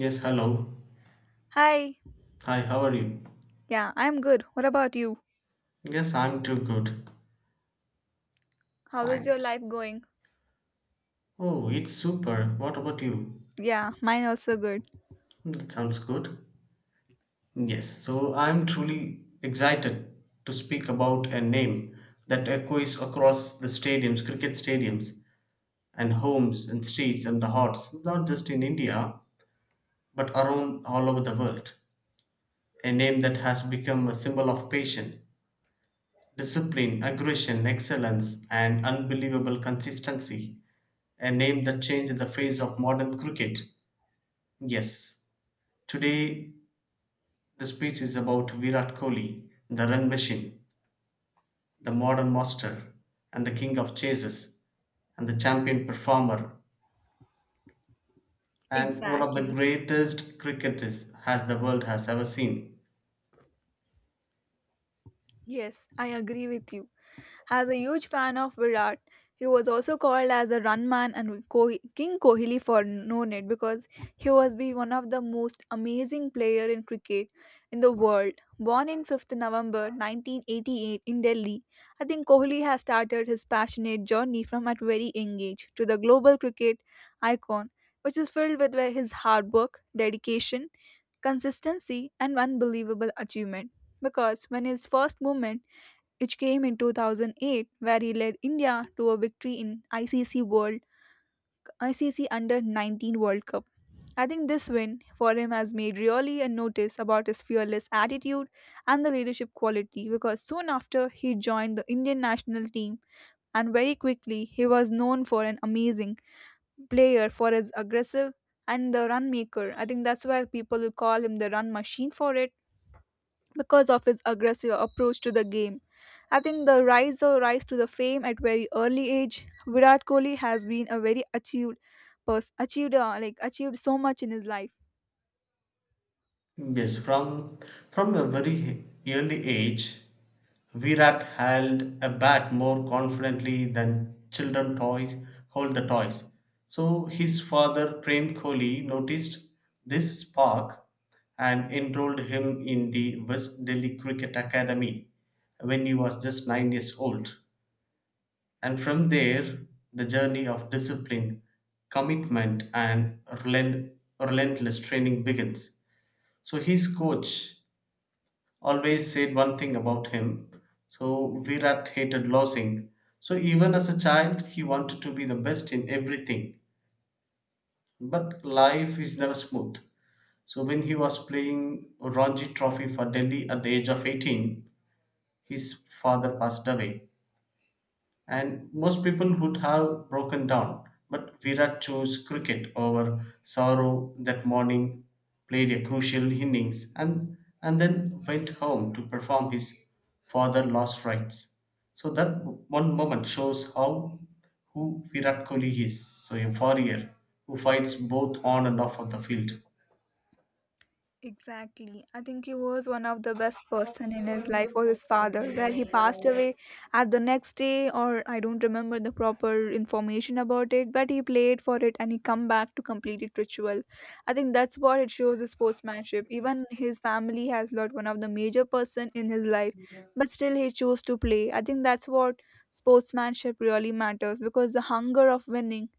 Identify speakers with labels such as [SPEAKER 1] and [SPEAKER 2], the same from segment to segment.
[SPEAKER 1] Yes, hello.
[SPEAKER 2] Hi.
[SPEAKER 1] Hi, how are you?
[SPEAKER 2] Yeah, I'm good. What about you?
[SPEAKER 1] Yes, I'm too good.
[SPEAKER 2] How is
[SPEAKER 1] Fine.
[SPEAKER 2] your life going?
[SPEAKER 1] Oh, it's super. What about you?
[SPEAKER 2] Yeah, mine also good.
[SPEAKER 1] That sounds good. Yes, so I'm truly excited to speak about a name that echoes across the stadiums, cricket stadiums, and homes and streets and the hearts, not just in India, but around all over the world. A name that has become a symbol of patience, discipline, aggression, excellence, and unbelievable consistency. A name that changed the face of modern cricket. Yes, today the speech is about Virat Kohli, the run machine, the modern master, and the king of chases, and the champion performer, and one of the
[SPEAKER 2] Exactly.
[SPEAKER 1] greatest cricketers has the world has ever seen.
[SPEAKER 2] Yes, I agree with you. As a huge fan of Virat, he was also called as a run man and King Kohli for no net because he was be one of the most amazing player in cricket in the world. Born in 5th November 1988 in Delhi, I think Kohli has started his passionate journey from at very young age to the global cricket icon, which is filled with his hard work, dedication, consistency, and unbelievable achievement. Because when his first moment which came in 2008 where he led India to a victory in ICC Under 19 World Cup. I think this win for him has made really a notice about his fearless attitude and the leadership quality because soon after he joined the Indian national team and very quickly he was known for an amazing player for his aggressive and the run maker. I think that's why people will call him the run machine for it because of his aggressive approach to the game. I think the rise or rise to the fame at very early age, Virat Kohli has been a very achieved person, achieved like achieved so much in his life.
[SPEAKER 1] Yes, from a very early age, Virat held a bat more confidently than children toys hold the toys. So his father Prem Kohli noticed this spark and enrolled him in the West Delhi Cricket Academy when he was just 9 years old. And from there, the journey of discipline, commitment and relentless training begins. So his coach always said one thing about him. So Virat hated losing. So even as a child, he wanted to be the best in everything. But life is never smooth. So when he was playing Ranji Trophy for Delhi at the age of 18, his father passed away. And most people would have broken down. But Virat chose cricket over sorrow that morning, played a crucial innings, and then went home to perform his father lost rites. So that one moment shows how who Virat Kohli is. So a warrior who fights both on and off of the field.
[SPEAKER 2] Exactly. I think he was one of the best person in his life was his father, where he passed away at the next day or I don't remember the proper information about it, but he played for it and he come back to complete it ritual. I think that's what it shows the sportsmanship. Even his family has lost one of the major person in his life, but still he chose to play. I think that's what sportsmanship really matters because the hunger of winning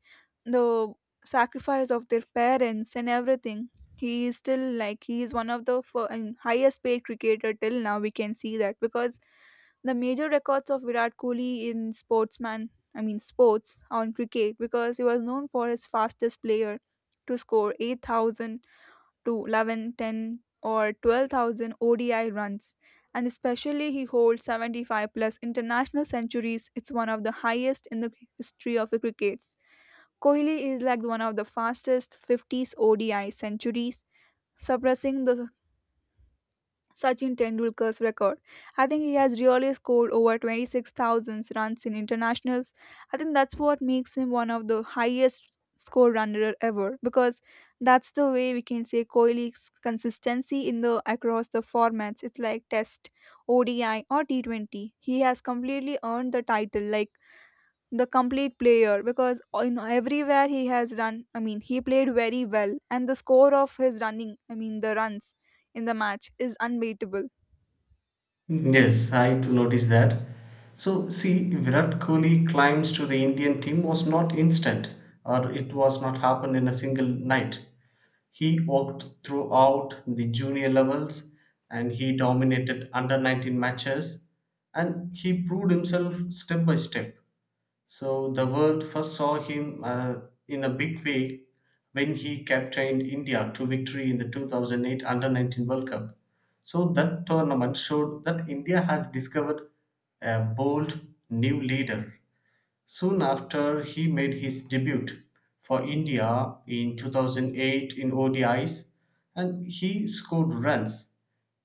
[SPEAKER 2] the sacrifice of their parents and everything he is still like he is one of the and highest paid cricketer till now we can see that because the major records of Virat Kohli in sportsman, I mean sports on cricket, because he was known for his fastest player to score 8,000 to 11, 10, or 12,000 ODI runs, and especially he holds 75 plus international centuries. It's one of the highest in the history of the crickets. Kohli is like one of the fastest 50s ODI centuries, surpassing the Sachin Tendulkar's record. I think he has really scored over 26,000 runs in internationals. I think that's what makes him one of the highest score runner ever because that's the way we can say Kohli's consistency in the across the formats. It's like Test, ODI, or T20. He has completely earned the title like the complete player because in everywhere he has run. I mean, he played very well, and the score of his running. I mean, the runs in the match is unbeatable.
[SPEAKER 1] Yes, I do notice that. So, see, Virat Kohli climbs to the Indian team was not instant, or it was not happen in a single night. He worked throughout the junior levels, and he dominated under 19 matches, and he proved himself step by step. So the world first saw him in a big way when he captained India to victory in the 2008 Under 19 World Cup. So that tournament showed that India has discovered a bold new leader. Soon after he made his debut for India in 2008 in ODIs and he scored runs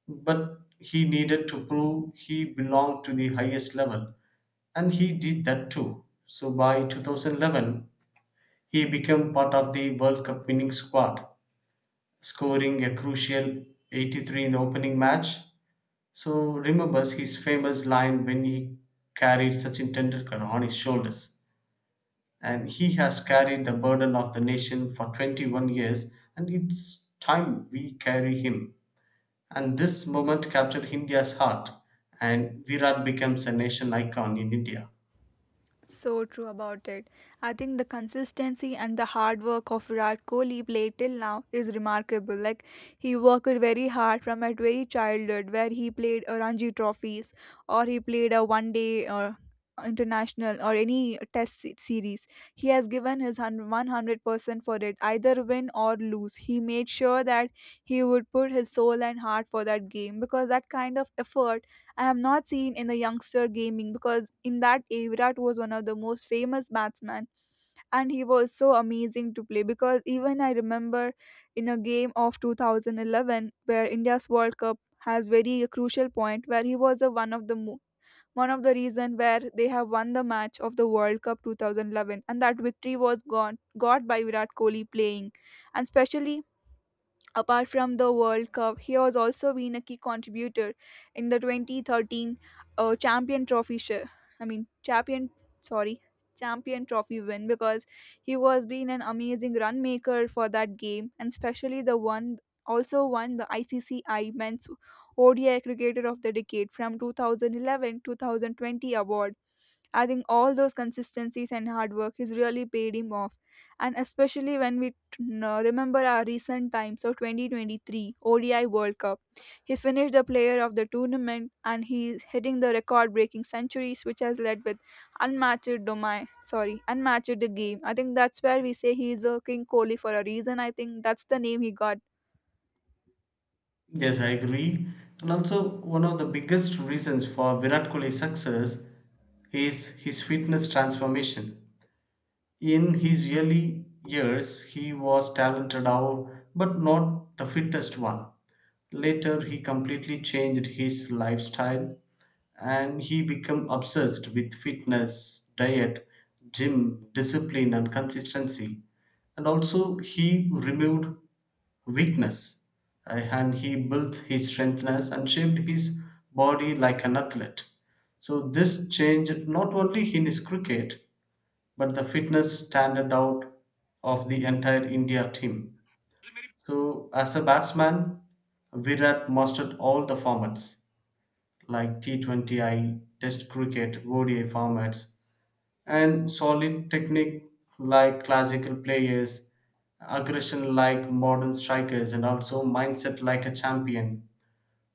[SPEAKER 1] but he needed to prove he belonged to the highest level and he did that too. So by 2011, he became part of the World Cup winning squad, scoring a crucial 83 in the opening match. So remembers his famous line when he carried Sachin Tendulkar on his shoulders, and he has carried the burden of the nation for 21 years, and it's time we carry him. And this moment captured India's heart, and Virat becomes a nation icon in India.
[SPEAKER 2] So true about it. I think the consistency and the hard work of Virat Kohli played till now is remarkable. Like he worked very hard from a very childhood, where he played a Ranji trophies or he played a one day or international or any test series. He has given his 100% for it, either win or lose. He made sure that he would put his soul and heart for that game because that kind of effort I have not seen in the youngster gaming, because in that Avrat was one of the most famous batsmen and he was so amazing to play. Because even I remember, in a game of 2011 where India's World Cup has very crucial point, where he was a one of the reason where they have won the match of the World Cup 2011, and that victory was got by Virat Kohli playing. And especially, apart from the World Cup, he has also been a key contributor in the 2013 Champion Trophy share. I mean, Champion, sorry, Champion Trophy win, because he was been an amazing run maker for that game. And especially the one also won the ICCI Men's ODI Cricketer of the Decade from 2011 2020 award. I think all those consistencies and hard work has really paid him off. And especially when we remember our recent times of 2023 ODI World Cup, he finished the player of the tournament and he's hitting the record breaking centuries, which has led with unmatched domain. Sorry, unmatched the game. I think that's where we say he is a King Kohli for a reason. I think that's the name he got.
[SPEAKER 1] Yes, I agree. And also, one of the biggest reasons for Virat Kohli's success is his fitness transformation. In his early years he was talented out but not the fittest one. Later he completely changed his lifestyle and he became obsessed with fitness, diet, gym, discipline and consistency. And also he removed weakness, and he built his strengthness and shaped his body like an athlete. So this changed not only in his cricket but the fitness standard out of the entire India team. So, as a batsman, Virat mastered all the formats like T20I, Test cricket, ODI formats, and solid technique like classical players, aggression like modern strikers, and also mindset like a champion,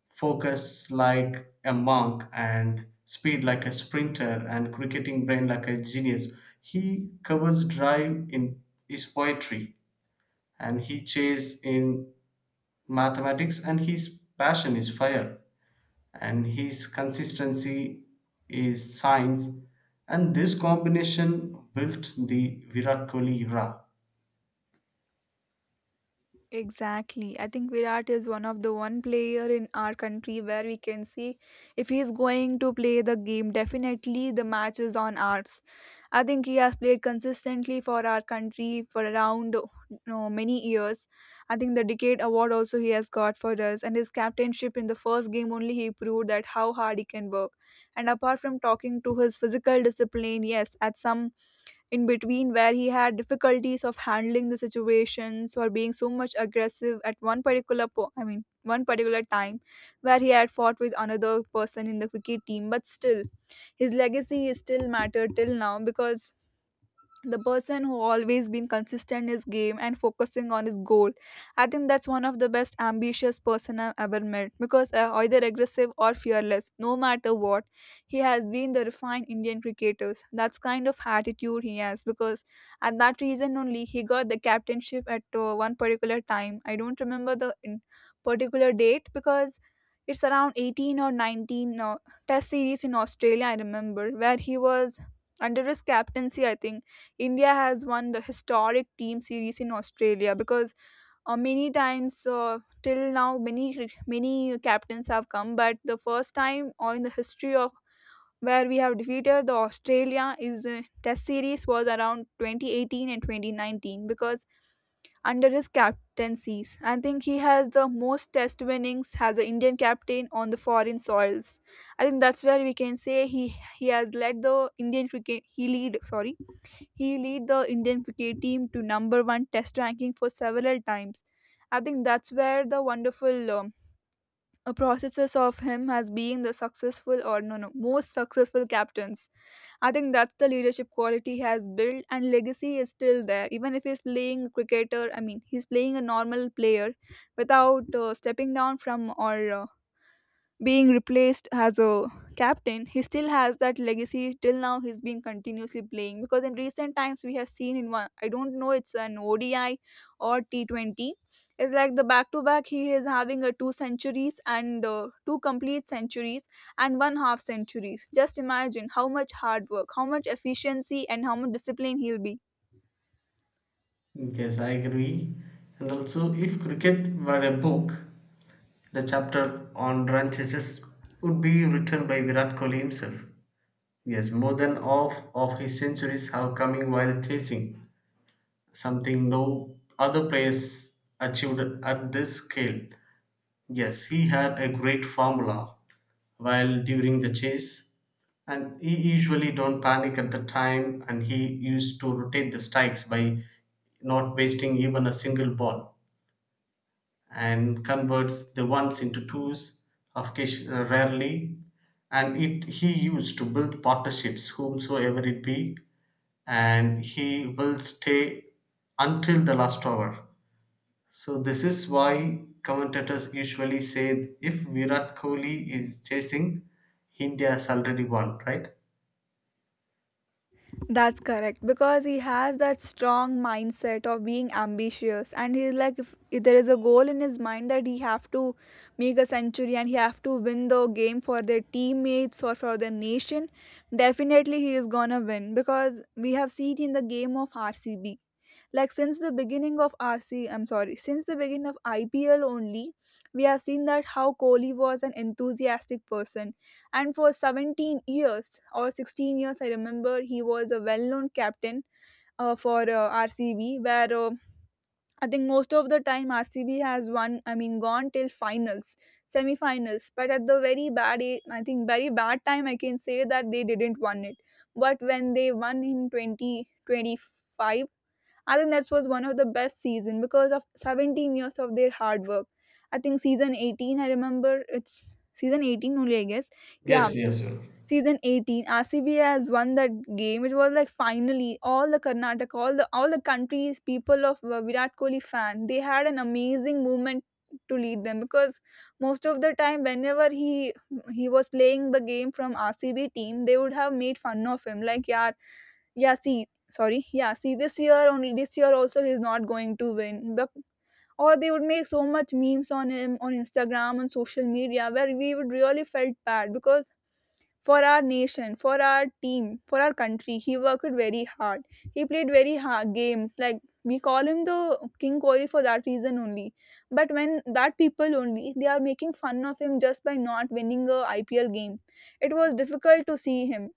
[SPEAKER 1] focus like a monk, and speed like a sprinter, and cricketing brain like a genius. He covers drive in his poetry and he chase in mathematics and his passion is fire and his consistency is science, and this combination built the Virat Kohli era.
[SPEAKER 2] Exactly. I think Virat is one of the one player in our country where we can see if he is going to play the game, definitely the match is on ours. I think he has played consistently for our country for around, no, many years. I think the decade award also he has got for us, and his captainship in the first game only he proved that how hard he can work. And apart from talking to his physical discipline, yes, at some in between where he had difficulties of handling the situations or being so much aggressive at one particular I mean one particular time, where he had fought with another person in the cricket team, but still his legacy is still matter till now, because the person who always been consistent in his game and focusing on his goal, I think that's one of the best ambitious person I've ever met, because either aggressive or fearless, no matter what, he has been the refined Indian cricketers, that's kind of attitude he has. Because at that reason only he got the captainship at one particular time. I don't remember the in particular date, because it's around 18 or 19 test series in Australia, I remember, where he was under his captaincy. I think India has won the historic team series in Australia, because many times till now many many captains have come, but the first time or in the history of where we have defeated the Australia is Test series was around 2018 and 2019. Because under his captaincies, I think he has the most Test winnings as an Indian captain on the foreign soils. I think that's where we can say he has led the Indian cricket. He lead, sorry, he lead the Indian cricket team to number one test ranking for several times. I think that's where the wonderful processes of him as being the successful, or no, no, most successful captains. I think that's the leadership quality he has built, and legacy is still there. Even if he's playing a cricketer, I mean he's playing a normal player without stepping down from or being replaced as a captain, he still has that legacy. Till now, he's been continuously playing, because in recent times we have seen in one. I don't know it's an ODI or T 20. It's like the back to back. He is having a two centuries, and two complete centuries and one half centuries. Just imagine how much hard work, how much efficiency, and how much discipline he'll be.
[SPEAKER 1] Yes, I agree. And also, if cricket were a book, the chapter on Ranchesses would be written by Virat Kohli himself. Yes, more than half of his centuries have coming while chasing, something no other players achieved at this scale. Yes, he had a great formula while during the chase, and he usually don't panic at the time and he used to rotate the strikes by not wasting even a single ball. And converts the ones into twos rarely, and it he used to build partnerships whomsoever it be, and he will stay until the last hour. So this is why commentators usually say, if Virat Kohli is chasing, India has already won, right?
[SPEAKER 2] That's correct, because he has that strong mindset of being ambitious, and he's like if there is a goal in his mind that he have to make a century and he have to win the game for their teammates or for their nation, definitely he is going to win. Because we have seen in the game of RCB, like since the beginning of RC, I'm sorry, since the beginning of IPL only, we have seen that how Kohli was an enthusiastic person. And for 17 years or 16 years, I remember he was a well-known captain for RCB, where, I think most of the time RCB has won. I mean, gone till finals, semi-finals, but at the very bad, I think very bad time, I can say that they didn't won it. But when they won in 2025, I think that was one of the best season because of 17 years of their hard work. I think season 18, I remember, it's season 18 only, I guess. Yeah,
[SPEAKER 1] Yes, yes, sir.
[SPEAKER 2] season 18, RCB has won that game. It was like finally all the Karnataka, all the countries, people of Virat Kohli fan, they had an amazing movement to lead them, because most of the time whenever he was playing the game from RCB team, they would have made fun of him. Like, yeah, see, this year only, this year also he's not going to win, but or they would make so much memes on him on Instagram, on social media, where we would really felt bad because for our nation, for our team, for our country, he worked very hard. He played very hard games. Like, we call him the King Kohli for that reason only. But when that people only, they are making fun of him just by not winning a IPL game, it was difficult to see him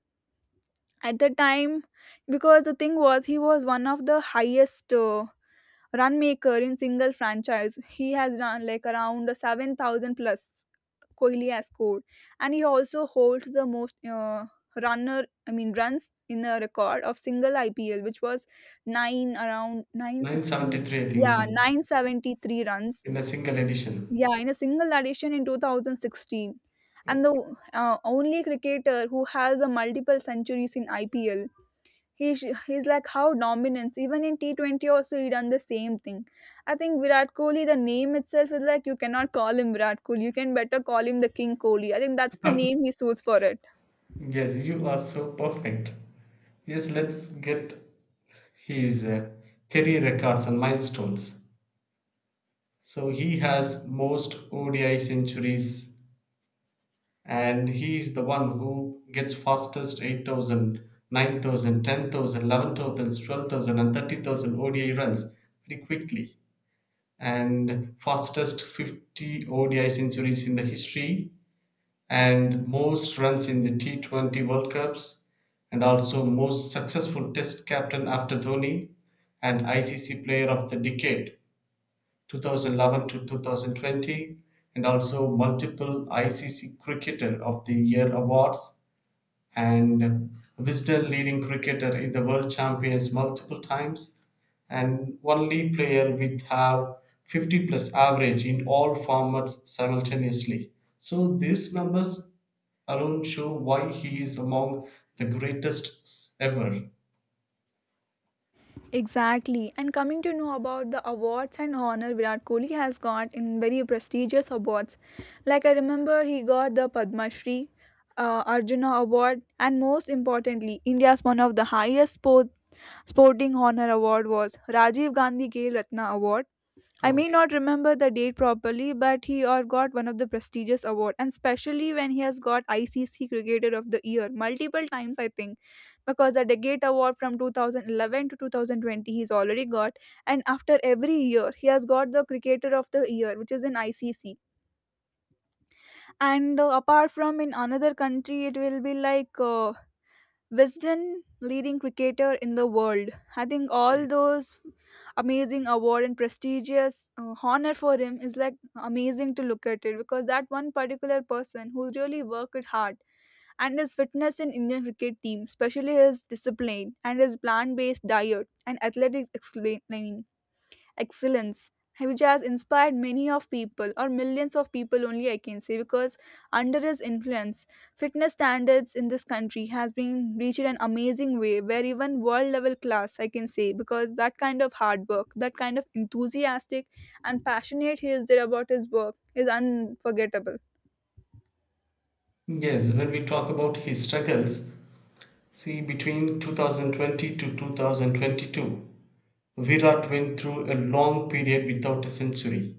[SPEAKER 2] at the time, because the thing was he was one of the highest run maker in single franchise. He has run like around 7,000 plus Kohli has scored. And he also holds the most runner I mean runs in a record of single IPL, which was 9 around 960.
[SPEAKER 1] 973, I think so.
[SPEAKER 2] Yeah, 973 runs.
[SPEAKER 1] In a single edition.
[SPEAKER 2] Yeah, in a single edition in 2016. And the only cricketer who has a multiple centuries in IPL. He's like how dominance. Even in T20 also he done the same thing. I think Virat Kohli, the name itself is like you cannot call him Virat Kohli. You can better call him the King Kohli. I think that's the name he suits for it.
[SPEAKER 1] Yes, you are so perfect. Yes, let's get his career records and milestones. So he has most ODI centuries, and he is the one who gets fastest 8,000, 9,000, 10,000, 11,000, 12,000, and 30,000 ODI runs very quickly, and fastest 50 ODI centuries in the history, and most runs in the T20 World Cups, and also most successful test captain after Dhoni, and ICC player of the decade 2011 to 2020, and also multiple ICC Cricketer of the Year awards, and Wisden leading cricketer in the world champions multiple times, and only player with have 50 plus average in all formats simultaneously. So these numbers alone show why he is among the greatest ever.
[SPEAKER 2] Exactly. And coming to know about the awards and honor Virat Kohli has got in very prestigious awards. Like, I remember he got the Padma Shri, Arjuna Award, and most importantly, India's one of the highest sporting honor award was Rajiv Gandhi Khel Ratna Award. I may
[SPEAKER 1] Okay.
[SPEAKER 2] not remember the date properly, but he or got one of the prestigious award, and especially when he has got ICC Cricketer of the Year multiple times, I think, because the Degate Award from 2011 to 2020 he's already got, and after every year he has got the Cricketer of the Year, which is in ICC. And apart from in another country, it will be like Wisden, leading cricketer in the world. I think all those amazing award and prestigious honor for him is like amazing to look at it, because that one particular person who really worked hard, and his fitness in Indian cricket team, especially his discipline and his plant-based diet and athletic explaining excellence, which has inspired many of people or millions of people only, I can say, because under his influence, fitness standards in this country has been reached an amazing way, where even world level class I can say, because that kind of hard work, that kind of enthusiastic and passionate he is there about his work is unforgettable.
[SPEAKER 1] Yes, when we talk about his struggles, see, between 2020 to 2022, Virat went through a long period without a century.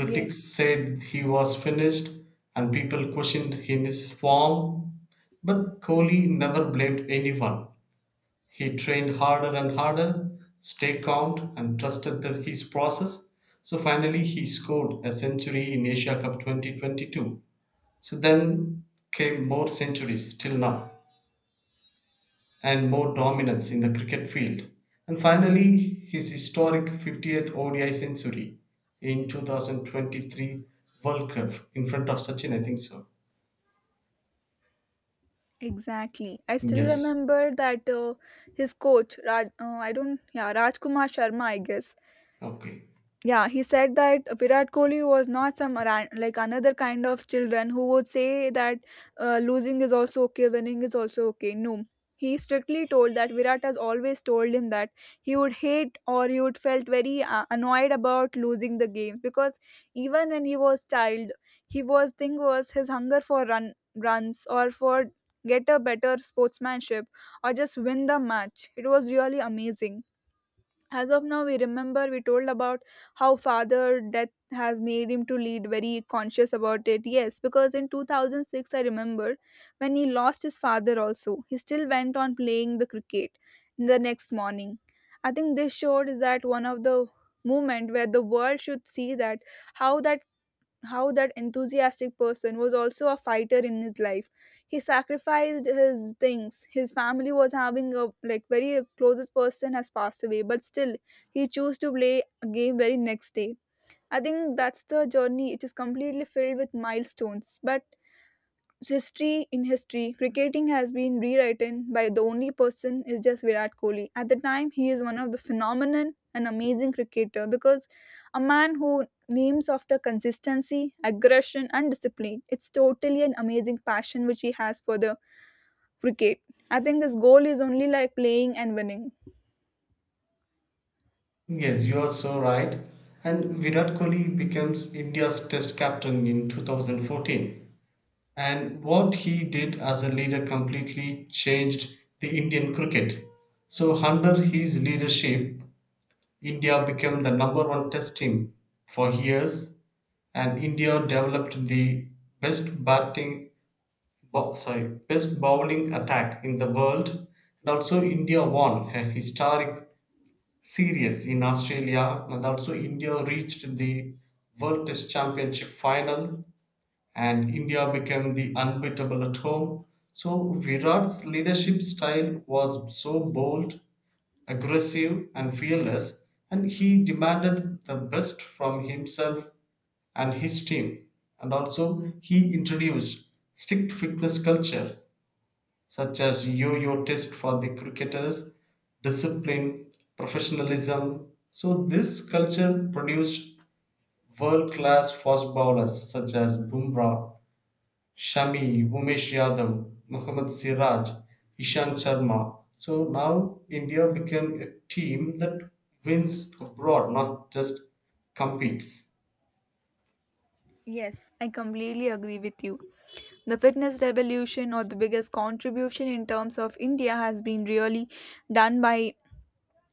[SPEAKER 2] Yes,
[SPEAKER 1] said he was finished and people questioned his form, but Kohli never blamed anyone. He trained harder and harder, stayed calm, and trusted his process. So finally, he scored a century in Asia Cup 2022. So then came more centuries till now, and more dominance in the cricket field, and finally his historic 50th ODI century in 2023 World Cup in front of Sachin, I think so.
[SPEAKER 2] exactly. I still
[SPEAKER 1] Yes.
[SPEAKER 2] remember that his coach, Raj, I don't, yeah, Rajkumar Sharma, I guess.
[SPEAKER 1] Okay.
[SPEAKER 2] Yeah, he said that Virat Kohli was not some like another kind of children who would say that losing is also okay, winning is also okay. No, he strictly told that Virat has always told him that he would hate or he would felt very annoyed about losing the game, because even when he was child, he was thing was his hunger for runs or for get a better sportsmanship or just win the match. It was really amazing. As of now, we remember we told about how father death has made him to lead very conscious about it, yes, because in 2006, I remember when he lost his father also, he still went on playing the cricket the next morning. I think this showed is that one of the moment where the world should see that how that how that enthusiastic person was also a fighter in his life. He sacrificed his things, his family was having a like very closest person has passed away, but still he chose to play a game very next day. I think that's the journey. It is completely filled with milestones, but history in history, cricketing has been rewritten by the only person is just Virat Kohli. At the time, he is one of the phenomenon and amazing cricketer, because a man who names after consistency, aggression, and discipline. It's totally an amazing passion which he has for the cricket. I think his goal is only like playing and winning.
[SPEAKER 1] Yes, you are so right. And Virat Kohli becomes India's test captain in 2014. And what he did as a leader completely changed the Indian cricket. So, under his leadership, India became the number one test team for years, and India developed the best batting sorry best bowling attack in the world, and also India won a historic series in Australia, and also India reached the World Test Championship final, and India became the unbeatable at home. So Virat's leadership style was so bold, aggressive and fearless, and he demanded the best from himself and his team. And also, he introduced strict fitness culture such as yo-yo test for the cricketers, discipline, professionalism. So this culture produced world-class fast bowlers such as Bumrah, Shami, Umesh Yadav, Mohammad Siraj, Ishan Sharma. So now India became a team that wins abroad, not just competes.
[SPEAKER 2] Yes, I completely agree with you. The fitness revolution or the biggest contribution in terms of India has been really done by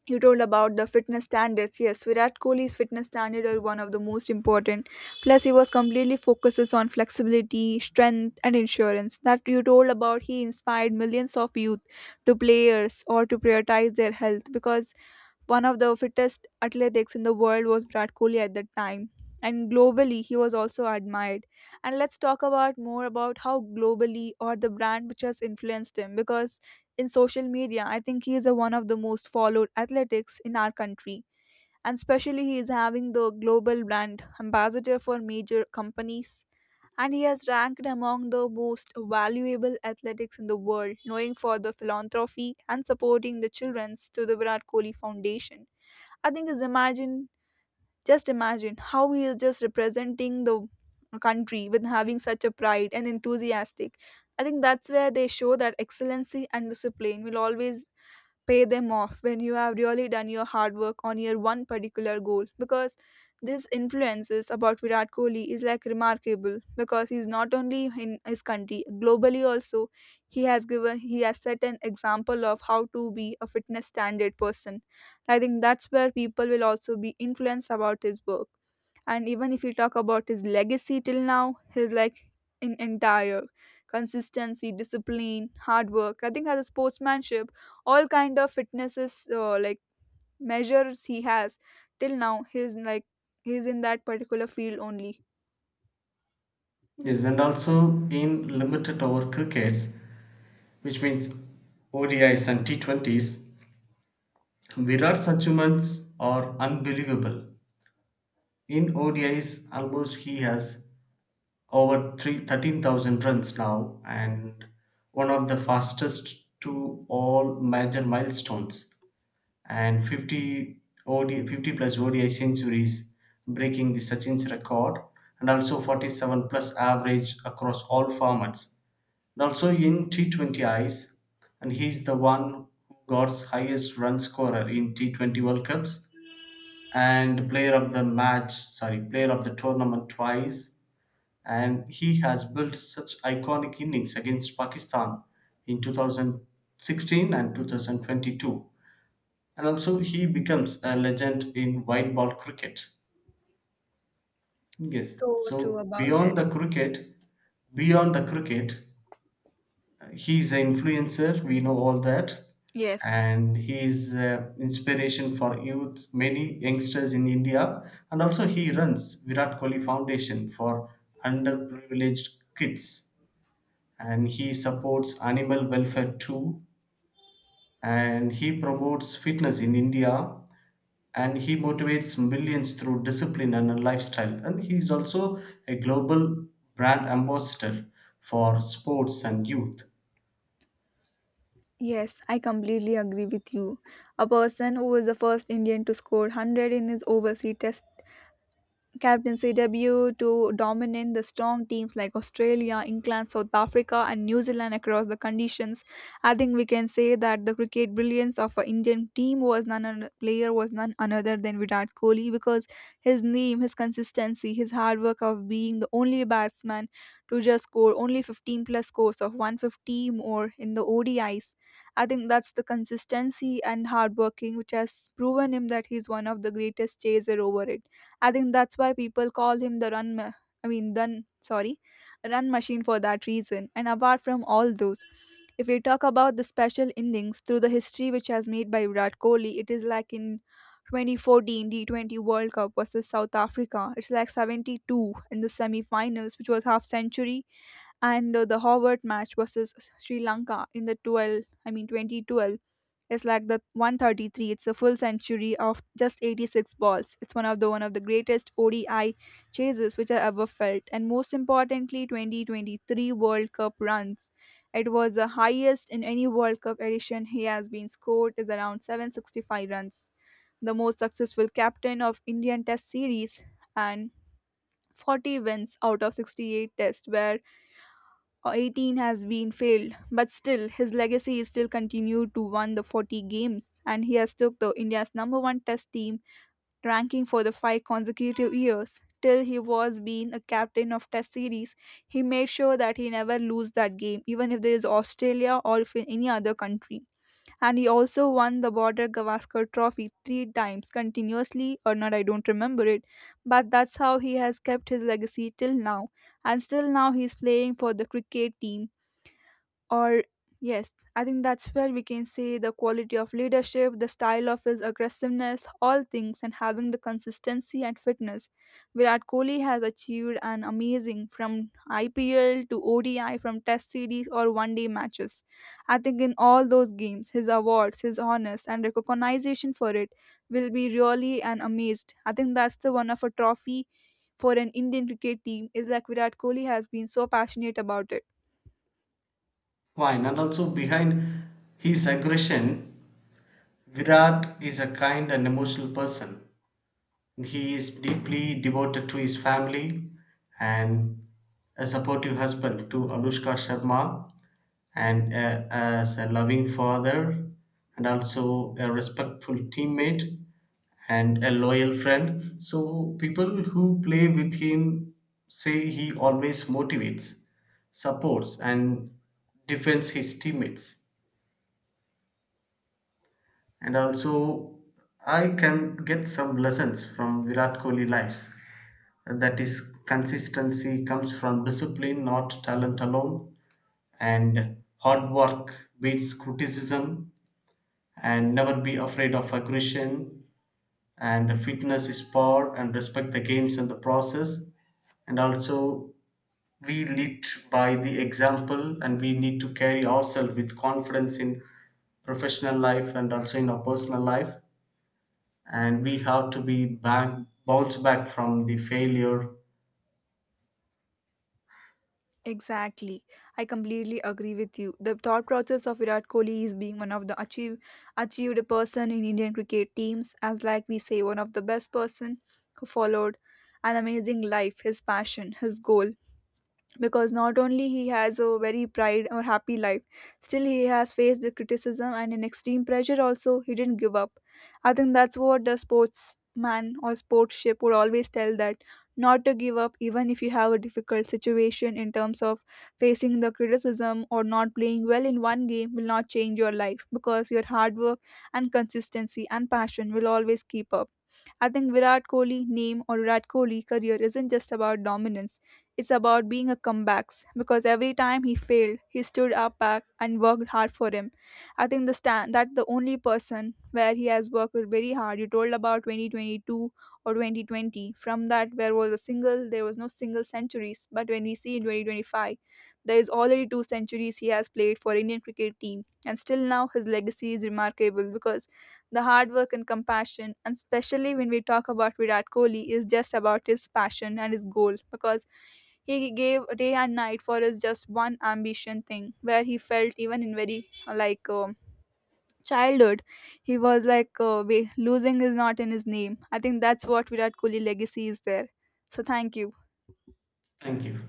[SPEAKER 2] you told about the fitness standards. Yes, Virat Kohli's fitness standard are one of the most important, plus he was completely focuses on flexibility, strength, and insurance that you told about. He inspired millions of youth to players or to prioritize their health, because one of the fittest athletics in the world was Virat Kohli at that time. And globally, he was also admired. And let's talk about more about how globally or the brand which has influenced him. Because in social media, I think he is a, one of the most followed athletics in our country. And especially, he is having the global brand ambassador for major companies, and he has ranked among the most valuable athletics in the world, knowing for the philanthropy and supporting the children's to the Virat Kohli Foundation. I think is imagine, just imagine how he is just representing the country with having such a pride and enthusiastic. I think that's where they show that excellency and discipline will always pay them off when you have really done your hard work on your one particular goal, because this influences about Virat Kohli is like remarkable, because he's not only in his country, globally also he has given, he has set an example of how to be a fitness standard person. I think that's where people will also be influenced about his work. And even if you talk about his legacy till now, his like in entire consistency, discipline, hard work, I think as a sportsmanship, all kind of fitnesses like measures he has, till now he's like he's in that particular field only.
[SPEAKER 1] Yes, and also in limited over crickets, which means ODIs and T20s, Virat achievements are unbelievable. In ODIs, almost he has over three 13,000 runs now, and one of the fastest to all major milestones, and 50 OD, 50 plus ODI centuries breaking the Sachin's record, and also 47 plus average across all formats, and also in T20 I's, and he's the one who got highest run scorer in T20 World Cups, and player of the tournament twice, and he has built such iconic innings against Pakistan in 2016 and 2022, and also he becomes a legend in white ball cricket. Yes,
[SPEAKER 2] So true
[SPEAKER 1] so
[SPEAKER 2] about it.
[SPEAKER 1] beyond the cricket, he is an influencer, we know all that,
[SPEAKER 2] yes
[SPEAKER 1] and he is inspiration for youth, many youngsters in India, and also he runs Virat Kohli Foundation for underprivileged kids, and he supports animal welfare too, and he promotes fitness in India, and he motivates millions through discipline and a lifestyle, and he is also a global brand ambassador for sports and youth.
[SPEAKER 2] yes, I completely agree with you. A person who was the first Indian to score 100 in his overseas test captaincy debut, to dominate the strong teams like Australia, England, South Africa, and New Zealand across the conditions. I think we can say that the cricket brilliance of an Indian team was none other, player was none another than Virat Kohli, because his name, his consistency, his hard work of being the only batsman to just score only 15 plus scores of 150 more in the ODIs. I think that's the consistency and hard working which has proven him that he's one of the greatest chaser over it. I think that's why people call him the run. Ma- I mean, then sorry, run machine for that reason. And apart from all those, if we talk about the special innings through the history which has made by Virat Kohli, it is like in 2014 T20 World Cup versus South Africa. It's like 72 in the semi-finals, which was half century, and the Howard match versus Sri Lanka in the 12. I mean 2012 is like the 133. It's a full century of just 86 balls. It's one of the greatest ODI chases which I ever felt, and most importantly, 2023 World Cup runs. It was the highest in any World Cup edition he has been scored, is around 765 runs. The most successful captain of Indian Test series, and 40 wins out of 68 tests where 18 has been failed, but still his legacy is still continued to won the 40 games, and he has took the India's number one test team ranking for the 5 consecutive years. Till he was being a captain of test series, he made sure that he never lose that game, even if there is Australia or if in any other country. And he also won the Border Gavaskar Trophy 3 times continuously, or not, I don't remember it. But that's how he has kept his legacy till now, and still now he's playing for the cricket team, or, yes, I think that's where we can see the quality of leadership, the style of his aggressiveness, all things, and having the consistency and fitness. Virat Kohli has achieved an amazing from IPL to ODI, from Test series or one day matches. I think in all those games, his awards, his honors, and recognition for it will be really an amazed. I think that's the one of a trophy for an Indian cricket team is like Virat Kohli has been so passionate about it.
[SPEAKER 1] Fine, and also behind his aggression Virat is a kind and emotional person. He is deeply devoted to his family and a supportive husband to Anushka Sharma, and as a loving father, and also a respectful teammate and a loyal friend. So, people who play with him say he always motivates, supports, and defends his teammates. And also, I can get some lessons from Virat Kohli lives. And that is, consistency comes from discipline not talent alone, and hard work beats criticism, and never be afraid of aggression, and fitness is power, and respect the games and the process, and also we lead by the example, and we need to carry ourselves with confidence in professional life and also in our personal life, and we have to be back bounce back from the failure.
[SPEAKER 2] Exactly. I completely agree with you. The thought process of Virat Kohli is being one of the achieved person in Indian cricket teams, as like we say one of the best person who followed an amazing life, his passion, his goal, because not only he has a very pride or happy life, still he has faced the criticism and an extreme pressure, also he didn't give up. I think that's what the sportsman or sportsship would always tell, that not to give up even if you have a difficult situation in terms of facing the criticism or not playing well in one game will not change your life, because your hard work and consistency and passion will always keep up. I think Virat Kohli name or Virat Kohli career isn't just about dominance. It's about being a comebacks, because every time he failed, he stood up back and worked hard for him. I think the stand that the only person where he has worked very hard. You told about 2022 or 2020. From that, where was a single, there was no single centuries. But when we see in 2025, there is already two centuries he has played for Indian cricket team, and still now his legacy is remarkable, because the hard work and compassion, and especially when we talk about Virat Kohli, is just about his passion and his goal, because he gave day and night for his just one ambition thing where he felt even in very uh, like um childhood he was like losing is not in his name. I think that's what Virat Kohli legacy is there. So thank you.
[SPEAKER 1] Thank you.